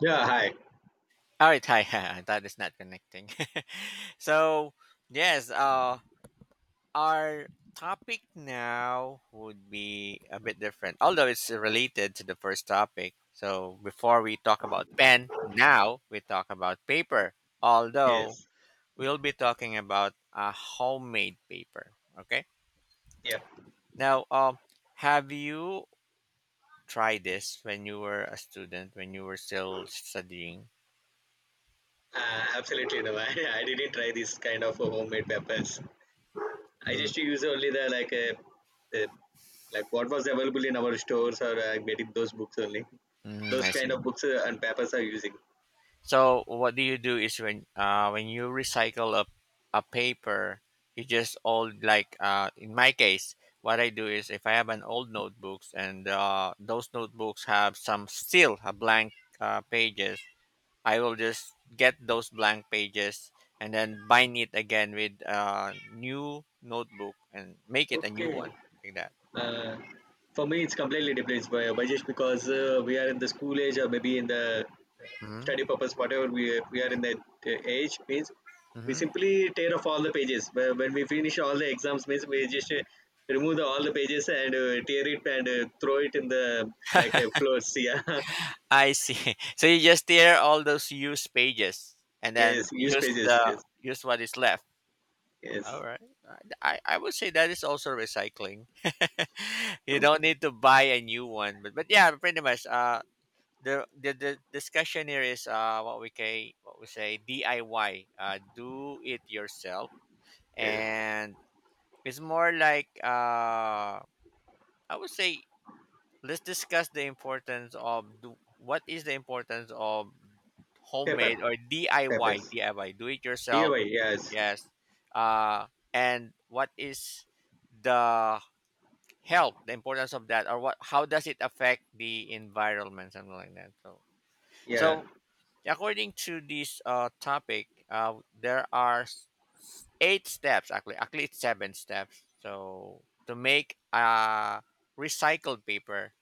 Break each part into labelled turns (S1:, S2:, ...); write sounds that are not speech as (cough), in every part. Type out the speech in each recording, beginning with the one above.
S1: Yeah, hi.
S2: All right, hi. (laughs) I thought it's not connecting. (laughs) so, yes, uh, our topic now would be a bit different, although it's related to the first topic. So, before we talk about pen, now we talk about paper, although
S1: Yes,
S2: we'll be talking about a homemade paper. Okay.
S1: yeah,
S2: Now, um, have you tried this when you were a student, when you were still studying?
S1: absolutely No, (laughs) I didn't try this kind of homemade peppers. I
S2: Mm,
S1: just use only the like what was available in our stores or getting those books only.
S2: mm,
S1: Those
S2: I
S1: kind
S2: see.
S1: of books and peppers are using.
S2: So what do you do is when you recycle a paper, you just old in my case, what I do is if I have an old notebooks and those notebooks have some still a blank pages, I will just get those blank pages and then bind it again with a new notebook and make it a new
S1: Okay.
S2: one like that.
S1: Uh, for me, it's completely different, by just because we are in the school age or maybe in the
S2: Mm-hmm.
S1: study purpose, whatever we are in that age means we simply tear off all the pages. When we finish all the exams, means we just remove all the pages and tear it and throw it in the like floors. (laughs) Yeah,
S2: I see. (laughs) So you just tear all those used pages and then
S1: yes, use pages. Yes,
S2: use what is left.
S1: yes,
S2: All right. I would say that is also recycling. (laughs) You don't need to buy a new one, but yeah, pretty much. The discussion here is what we can what we say DIY. Do it yourself,
S1: yes.
S2: and it's more like I would say let's discuss the importance of what is the importance of
S1: Paper,
S2: homemade or DIY,
S1: papers.
S2: DIY, do it yourself.
S1: DIY. Yes.
S2: Yes. Uh, and what is the help, the importance of that, or what? How does it affect the environment, something like that? So,
S1: Yeah.
S2: so according to this topic, there are eight steps actually. Actually, it's seven steps. So to make recycled paper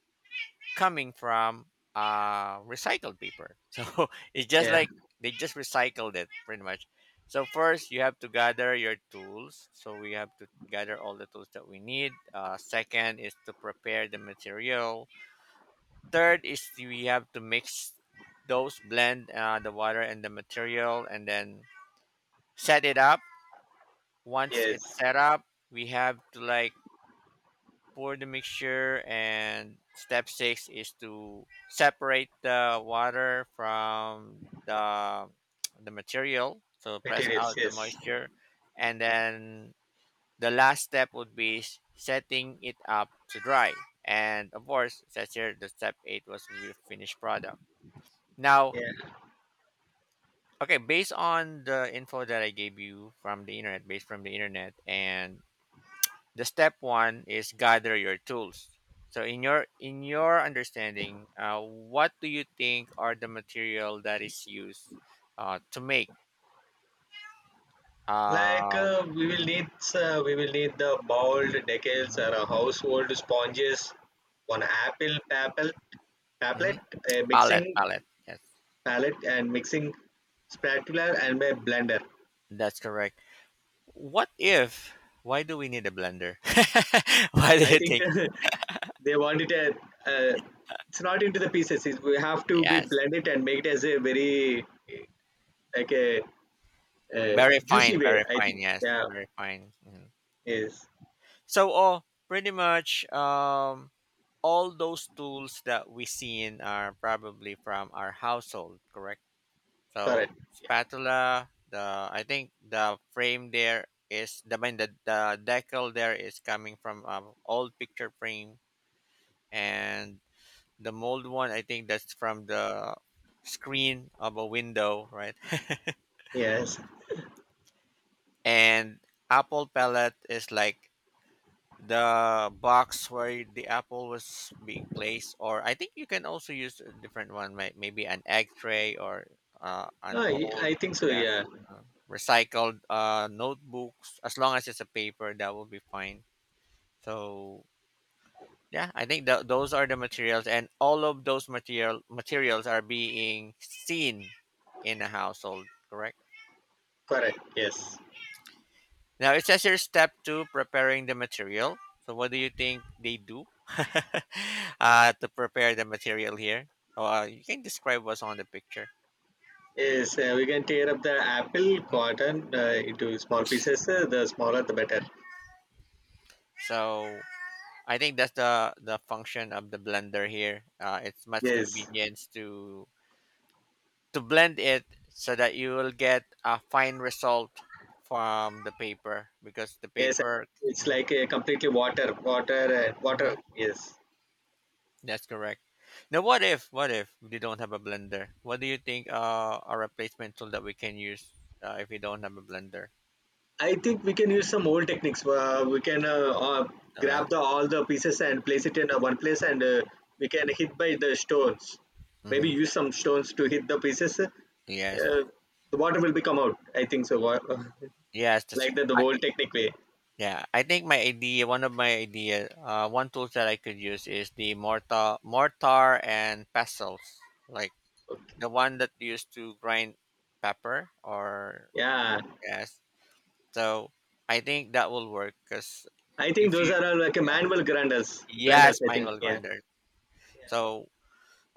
S2: coming from uh, recycled paper. (laughs) So it's just
S1: Yeah.
S2: like they just recycled it pretty much. So first you have to gather your tools. So we have to gather all the tools that we need. Second is to prepare the material. Third is we have to mix those blend the water and the material and then set it up. Once it's
S1: Yes.
S2: set up, we have to like pour the mixture, and step six is to separate the water from the material, so press
S1: Materials.
S2: out the
S1: Yes.
S2: moisture, and then the last step would be setting it up to dry. And of course it says here the step eight was the finished product. Now,
S1: Yeah.
S2: okay, based on the info that I gave you from the internet, based from the internet, and the step one is gather your tools. So in your understanding, what do you think are the material that is used to make
S1: Like
S2: um mhm,
S1: we will need the boiled decals
S2: mhm,
S1: or a household sponges, one apple papel,
S2: mhm,
S1: paplet, a
S2: pallet
S1: mixing
S2: pallet yes
S1: palette and mixing spatula and a blender.
S2: that's correct. What if, why do we need a blender? (laughs) Why do
S1: I
S2: you
S1: think
S2: think?
S1: (laughs) they want it a, uh, it's not into the pieces. It, we have to be
S2: Yes,
S1: blend it and make it as a very like a
S2: very fine,
S1: juicy way.
S2: very
S1: I
S2: fine,
S1: think
S2: yes,
S1: yeah
S2: very fine. Mhm.
S1: is
S2: so oh pretty much, um, all those tools that we seen are probably from our household, correct? So
S1: correct.
S2: spatula, the I think the frame there is the I mean, the decal there is coming from old picture frame, and the mold one, I think that's from the screen of a window, right? (laughs)
S1: Yes,
S2: And apple pellet is like the box where the apple was being placed, or I think you can also use a different one, maybe an egg tray or an
S1: no,
S2: old
S1: I think so.
S2: yes,
S1: Yeah,
S2: uh, recycled notebooks as long as it's a paper that will be fine. So yeah, I think those are the materials, and all of those materials are being seen in a household, correct?
S1: correct. Yes.
S2: Now it says here step two, preparing the material. So what do you think they do (laughs) to prepare the material here? Oh, uh, you can describe what's on the picture.
S1: Yes, we can tear up the apple
S2: Mhm.
S1: cotton into small pieces. The smaller, the better.
S2: So I think that's the function of the blender here. It's much
S1: Yes,
S2: convenience to blend it so that you will get a fine result from the paper because the
S1: yes.
S2: paper.
S1: It's
S2: Mhm,
S1: like completely water, water,
S2: mhm.
S1: water. Yes.
S2: That's correct. Now, what if we don't have a blender? What do you think a replacement tool that we can use if we don't have a blender?
S1: I think we can use some old techniques. We can
S2: So like,
S1: Grab the all the pieces and place it in one place, and we can hit by the stones. Maybe
S2: mm-hmm.
S1: use some stones to hit the pieces.
S2: Yes,
S1: The water will become out. I think so.
S2: yes.
S1: (laughs)
S2: That's,
S1: Like that, the
S2: I,
S1: old technique way.
S2: yeah, I think my idea, one of my idea, one tool that I could use is the mortar and pestles, like
S1: Okay.
S2: the one that used to grind pepper or
S1: Yeah.
S2: yes. So I think that will work because
S1: I
S2: if
S1: think those
S2: you,
S1: are all like a
S2: yeah,
S1: manual grinders, blenders.
S2: yes,
S1: I think,
S2: manual
S1: yeah.
S2: grinder. So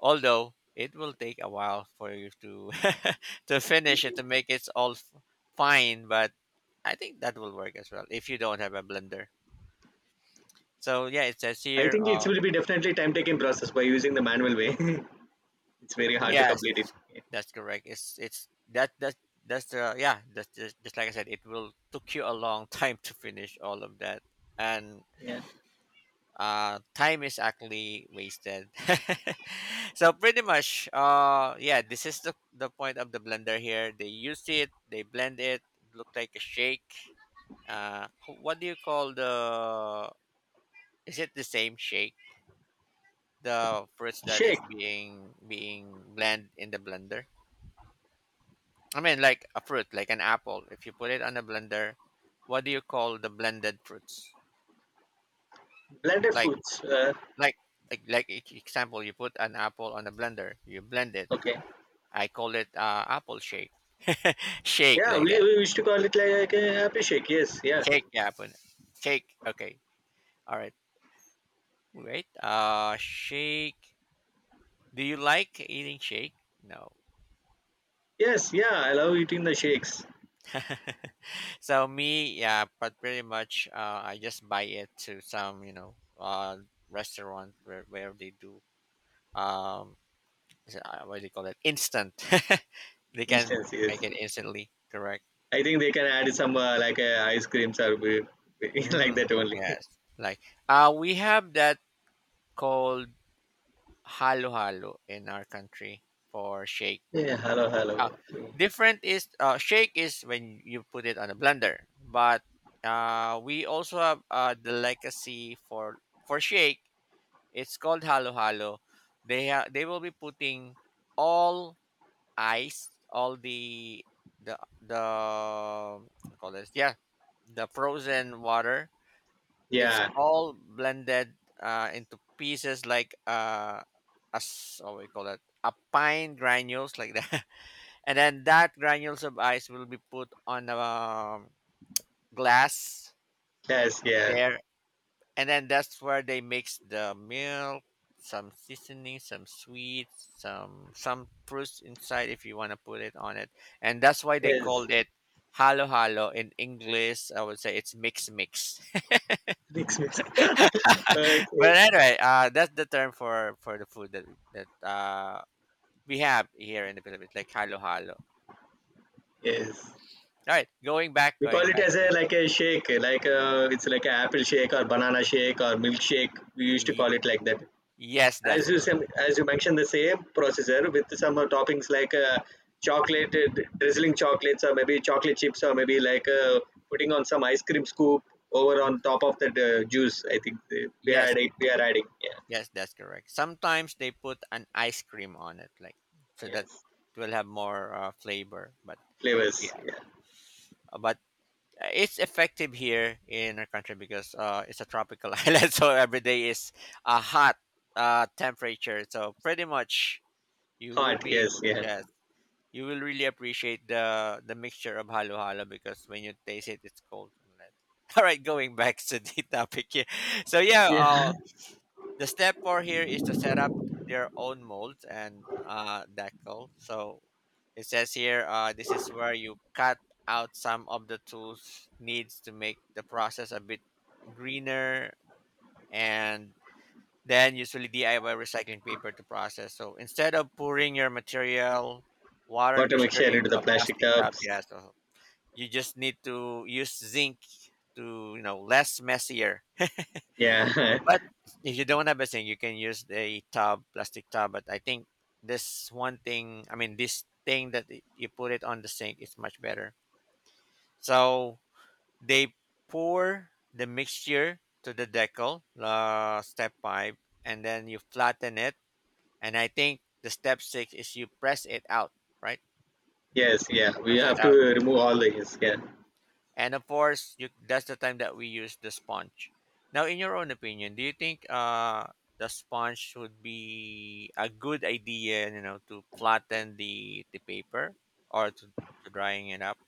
S2: although it will take a while for you to (laughs) to finish it to make it all fine, but I think that will work as well if you don't have a blender. So yeah, it says
S1: I
S2: here.
S1: think it will be definitely time taking process by using the manual way. (laughs) It's very hard to complete it.
S2: Yes,
S1: Yeah.
S2: that's correct. It's that's the yeah. That's just like I said, it will took you a long (laughs) time to finish all of that, and
S1: Yeah.
S2: time is actually wasted. (laughs) So pretty much, uh, yeah, this is the point of the blender here. They used it, they blend it, look like a shake, uh, what do you call the, is it the same shake, the fruits that is
S1: Shake,
S2: being being blended in the blender? I mean like a fruit, like an apple, if you put it on a blender, what do you call the blended fruits?
S1: blended
S2: like
S1: foods.
S2: like like example, you put an apple on a blender, you blend it,
S1: Okay.
S2: I call it apple shake. (laughs) Shake
S1: Yeah,
S2: like that.
S1: we used to call it like a happy shake. Yes, yeah.
S2: Shake, yeah, apple. Shake. Okay. All right. Wait. Shake. Do you like eating shake? No.
S1: Yes, yeah. I love eating the shakes.
S2: (laughs) So me, yeah, but pretty much, I just buy it to some, you know, restaurant where they do um, is it, what do you call it? Instant. (laughs) They can
S1: Instance, yes.
S2: make it instantly. Correct.
S1: I think they can add some like ice creams or (laughs) like
S2: Mm,
S1: that only.
S2: yes. Like, we have that called halo-halo in our country for shake.
S1: (laughs) Yeah, hello, hello.
S2: Uh,
S1: Okay.
S2: different is shake is when you put it on a blender, but we also have the legacy for shake. It's called halo-halo. They they will be putting all ice, all the the what do you call this yeah the frozen water, it's
S1: Yeah,
S2: all blended into pieces like a what we call it, a pine granules like that, (laughs) and then that granules of ice will be put on a glass
S1: yes, yeah,
S2: there, and then that's where they mix the milk, some seasoning, some sweets, some fruits inside if you want to put it on it, and that's why they
S1: yes.
S2: called it halo halo. In English, I would say it's mix mix. (laughs)
S1: Mix, mix. (laughs) Okay.
S2: But anyway, that's the term for the food that we have here in the Philippines, like halo halo.
S1: Yes.
S2: All right,
S1: We call
S2: going
S1: it
S2: back
S1: as
S2: here.
S1: a like a shake, like a, it's like an apple shake or banana shake or milkshake. We used to
S2: Y-
S1: call it like that.
S2: yes, that's correct.
S1: As you mentioned, the same processor with some toppings like chocolate, drizzling chocolates or maybe chocolate chips or maybe like putting on some ice cream scoop over on
S2: Mm,
S1: top of that juice. I think
S2: yes,
S1: we are adding, yeah,
S2: yes, that's correct. Sometimes they put an ice cream on it, like so that
S1: yes,
S2: it will have more flavor. But
S1: flavors,
S2: yeah,
S1: yeah,
S2: but it's effective here in our country because it's a tropical (laughs) island, so every day is a hot temperature. So pretty much you would
S1: hot,
S2: be
S1: yes,
S2: able,
S1: yeah,
S2: yes, you will really appreciate the mixture of halo halo because when you taste it, it's cold coconut. (laughs) All right, going back to the (laughs) topic here. So yeah,
S1: yeah.
S2: the step four here is to set up their own molds and decal. So it says here, this is where you cut out some of the tools needs to make the process a bit greener, and then usually DIY recycling paper to process. So instead of pouring your material,
S1: (laughs)
S2: water
S1: Water
S2: mixture
S1: mixture into
S2: into
S1: the
S2: a
S1: plastic
S2: plastic tub,
S1: tubs,
S2: yeah, so you just need to use zinc to, you know, less messier.
S1: yeah.
S2: But
S1: (laughs)
S2: if you don't have a zinc, you can use the tub, plastic tub. But I think this one thing, I mean, this thing that you put it on the sink is much better. So they pour the mixture to the decal, step five, and then you flatten it. And I think the step six is you press it out, right?
S1: Yes, yeah. We
S2: Press it
S1: have to
S2: out.
S1: remove all the his. Yeah.
S2: And of course, you that's the time that we use the sponge. Now, in your own opinion, do you think the sponge would be a good idea, you know, to flatten the paper or to drying it up?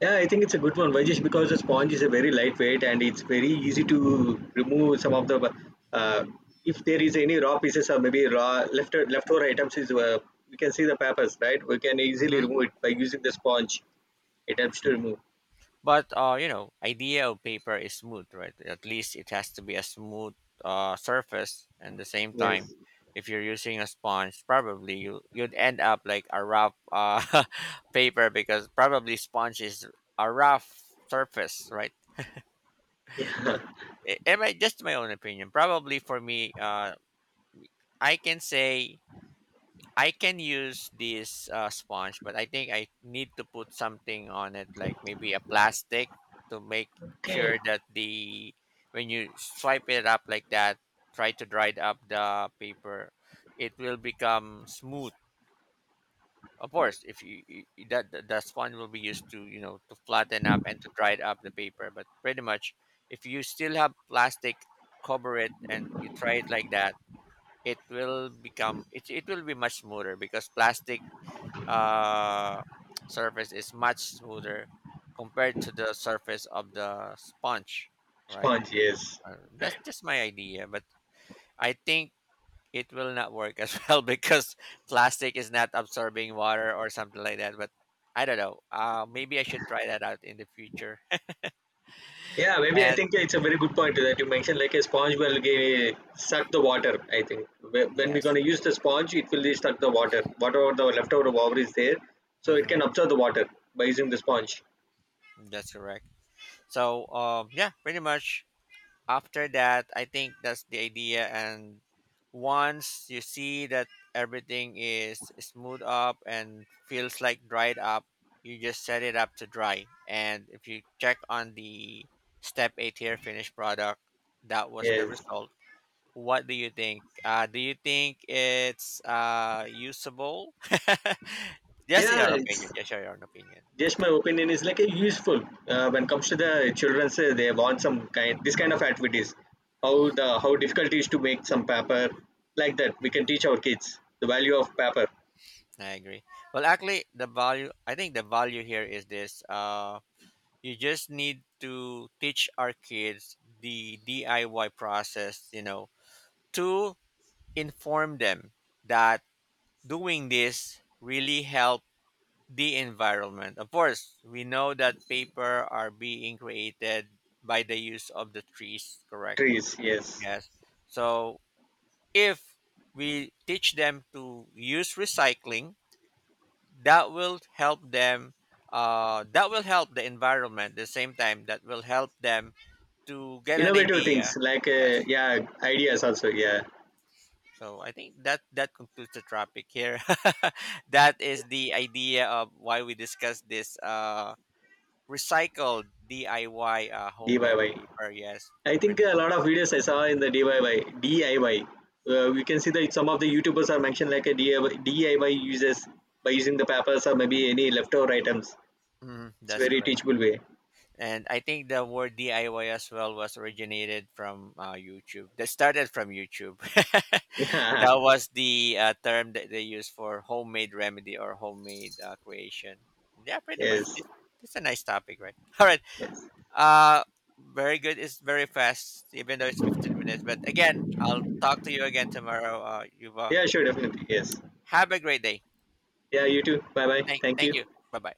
S1: Yeah, I think it's a good one. Why just because the sponge is a very lightweight and it's very easy to remove some of the uh, if there is any raw pieces or maybe raw left leftover items is we can see the papers, right? We can easily remove it by using the sponge. It helps to remove.
S2: But you know, idea of paper is smooth, right? At least it has to be a smooth surface. And the same time,
S1: Yes.
S2: if you're using a sponge, probably you'd end up like a rough (laughs) paper because probably sponge is a rough surface, right?
S1: Yeah.
S2: But
S1: (laughs)
S2: am I just my own opinion? Probably for me, I can say I can use this sponge, but I think I need to put something on it, like maybe a plastic, to make
S1: Okay.
S2: sure that the when you swipe it up like that, try to dry it up the paper, it will become smooth. Of course, if you, you you- that the sponge will be used to you know to flatten up and to dry it up the paper, but pretty much if you still have plastic, cover it and you try it like that, it will be much smoother because plastic uh, surface is much smoother compared to the surface of the sponge, right?
S1: Sponge, yes.
S2: That's just my idea, but I think it will not work as (laughs) well because plastic is not absorbing water or something like that. But I don't know. Maybe I should try that out in the future. (laughs)
S1: Yeah, maybe I
S2: And
S1: think it's a very good point that you mentioned. Like a sponge will give, suck the water. I think when we're
S2: yes,
S1: gonna use the sponge, it will suck the water, whatever the leftover water is there, so it
S2: hmm,
S1: can absorb the water by using the sponge.
S2: that's correct. So yeah, pretty much after that, I think that's the idea. And once you see that everything is smooth up and feels like dried up, you just set it up to dry. And if you check on the step eight here finished product, that was the
S1: Yes,
S2: result. What do you think? Do you think it's usable? (laughs) Just
S1: yeah,
S2: your opinion.
S1: it's
S2: Just your own opinion.
S1: just my opinion is like a
S2: Yeah.
S1: useful when comes to the children's. They want some kind this kind of
S2: Uh-huh.
S1: activities. How the how difficult it is to make some paper like that. We can teach our kids the value of paper
S2: I agree. Well, actually, the value, I think the value here is this: you just need to teach our kids the DIY process. You know, to inform them that doing this really help the environment. Of course, we know that paper are being created by the use of the trees. Correct.
S1: trees. Yes.
S2: Yes. So if we teach them to use recycling, that will help them that will help the environment, the same time that will help them to get an
S1: Innovative
S2: idea,
S1: things like
S2: yes.
S1: yeah, ideas also yeah,
S2: So I think that that concludes the topic here. (laughs) That is the idea of why we discuss this recycled DIY
S1: DIY. I
S2: homemade
S1: Y.
S2: paper, yes,
S1: I think
S2: pretty
S1: a lot
S2: much.
S1: of videos I saw in the DIY. We can see that some of the YouTubers are mentioned like a DIY, uses by using the papers or maybe any leftover items.
S2: Mhm,
S1: It's
S2: that's
S1: very
S2: correct.
S1: teachable way.
S2: And I think the word DIY as well was originated from YouTube. That started from YouTube. (laughs) That
S1: (laughs)
S2: was the term that they use for homemade remedy or homemade creation. Yeah, pretty
S1: Yeah.
S2: much.
S1: Yes.
S2: This is a nice topic, right? (laughs) All right.
S1: Yes.
S2: Uh, very good. It's very fast, even though it's 15 minutes. But again, I'll talk to you again tomorrow, Yuva.
S1: Yeah. Sure. Definitely. Yes.
S2: Have a great day.
S1: Yeah. You too. Bye. Bye. Thank
S2: Thank
S1: you.
S2: you. Bye bye.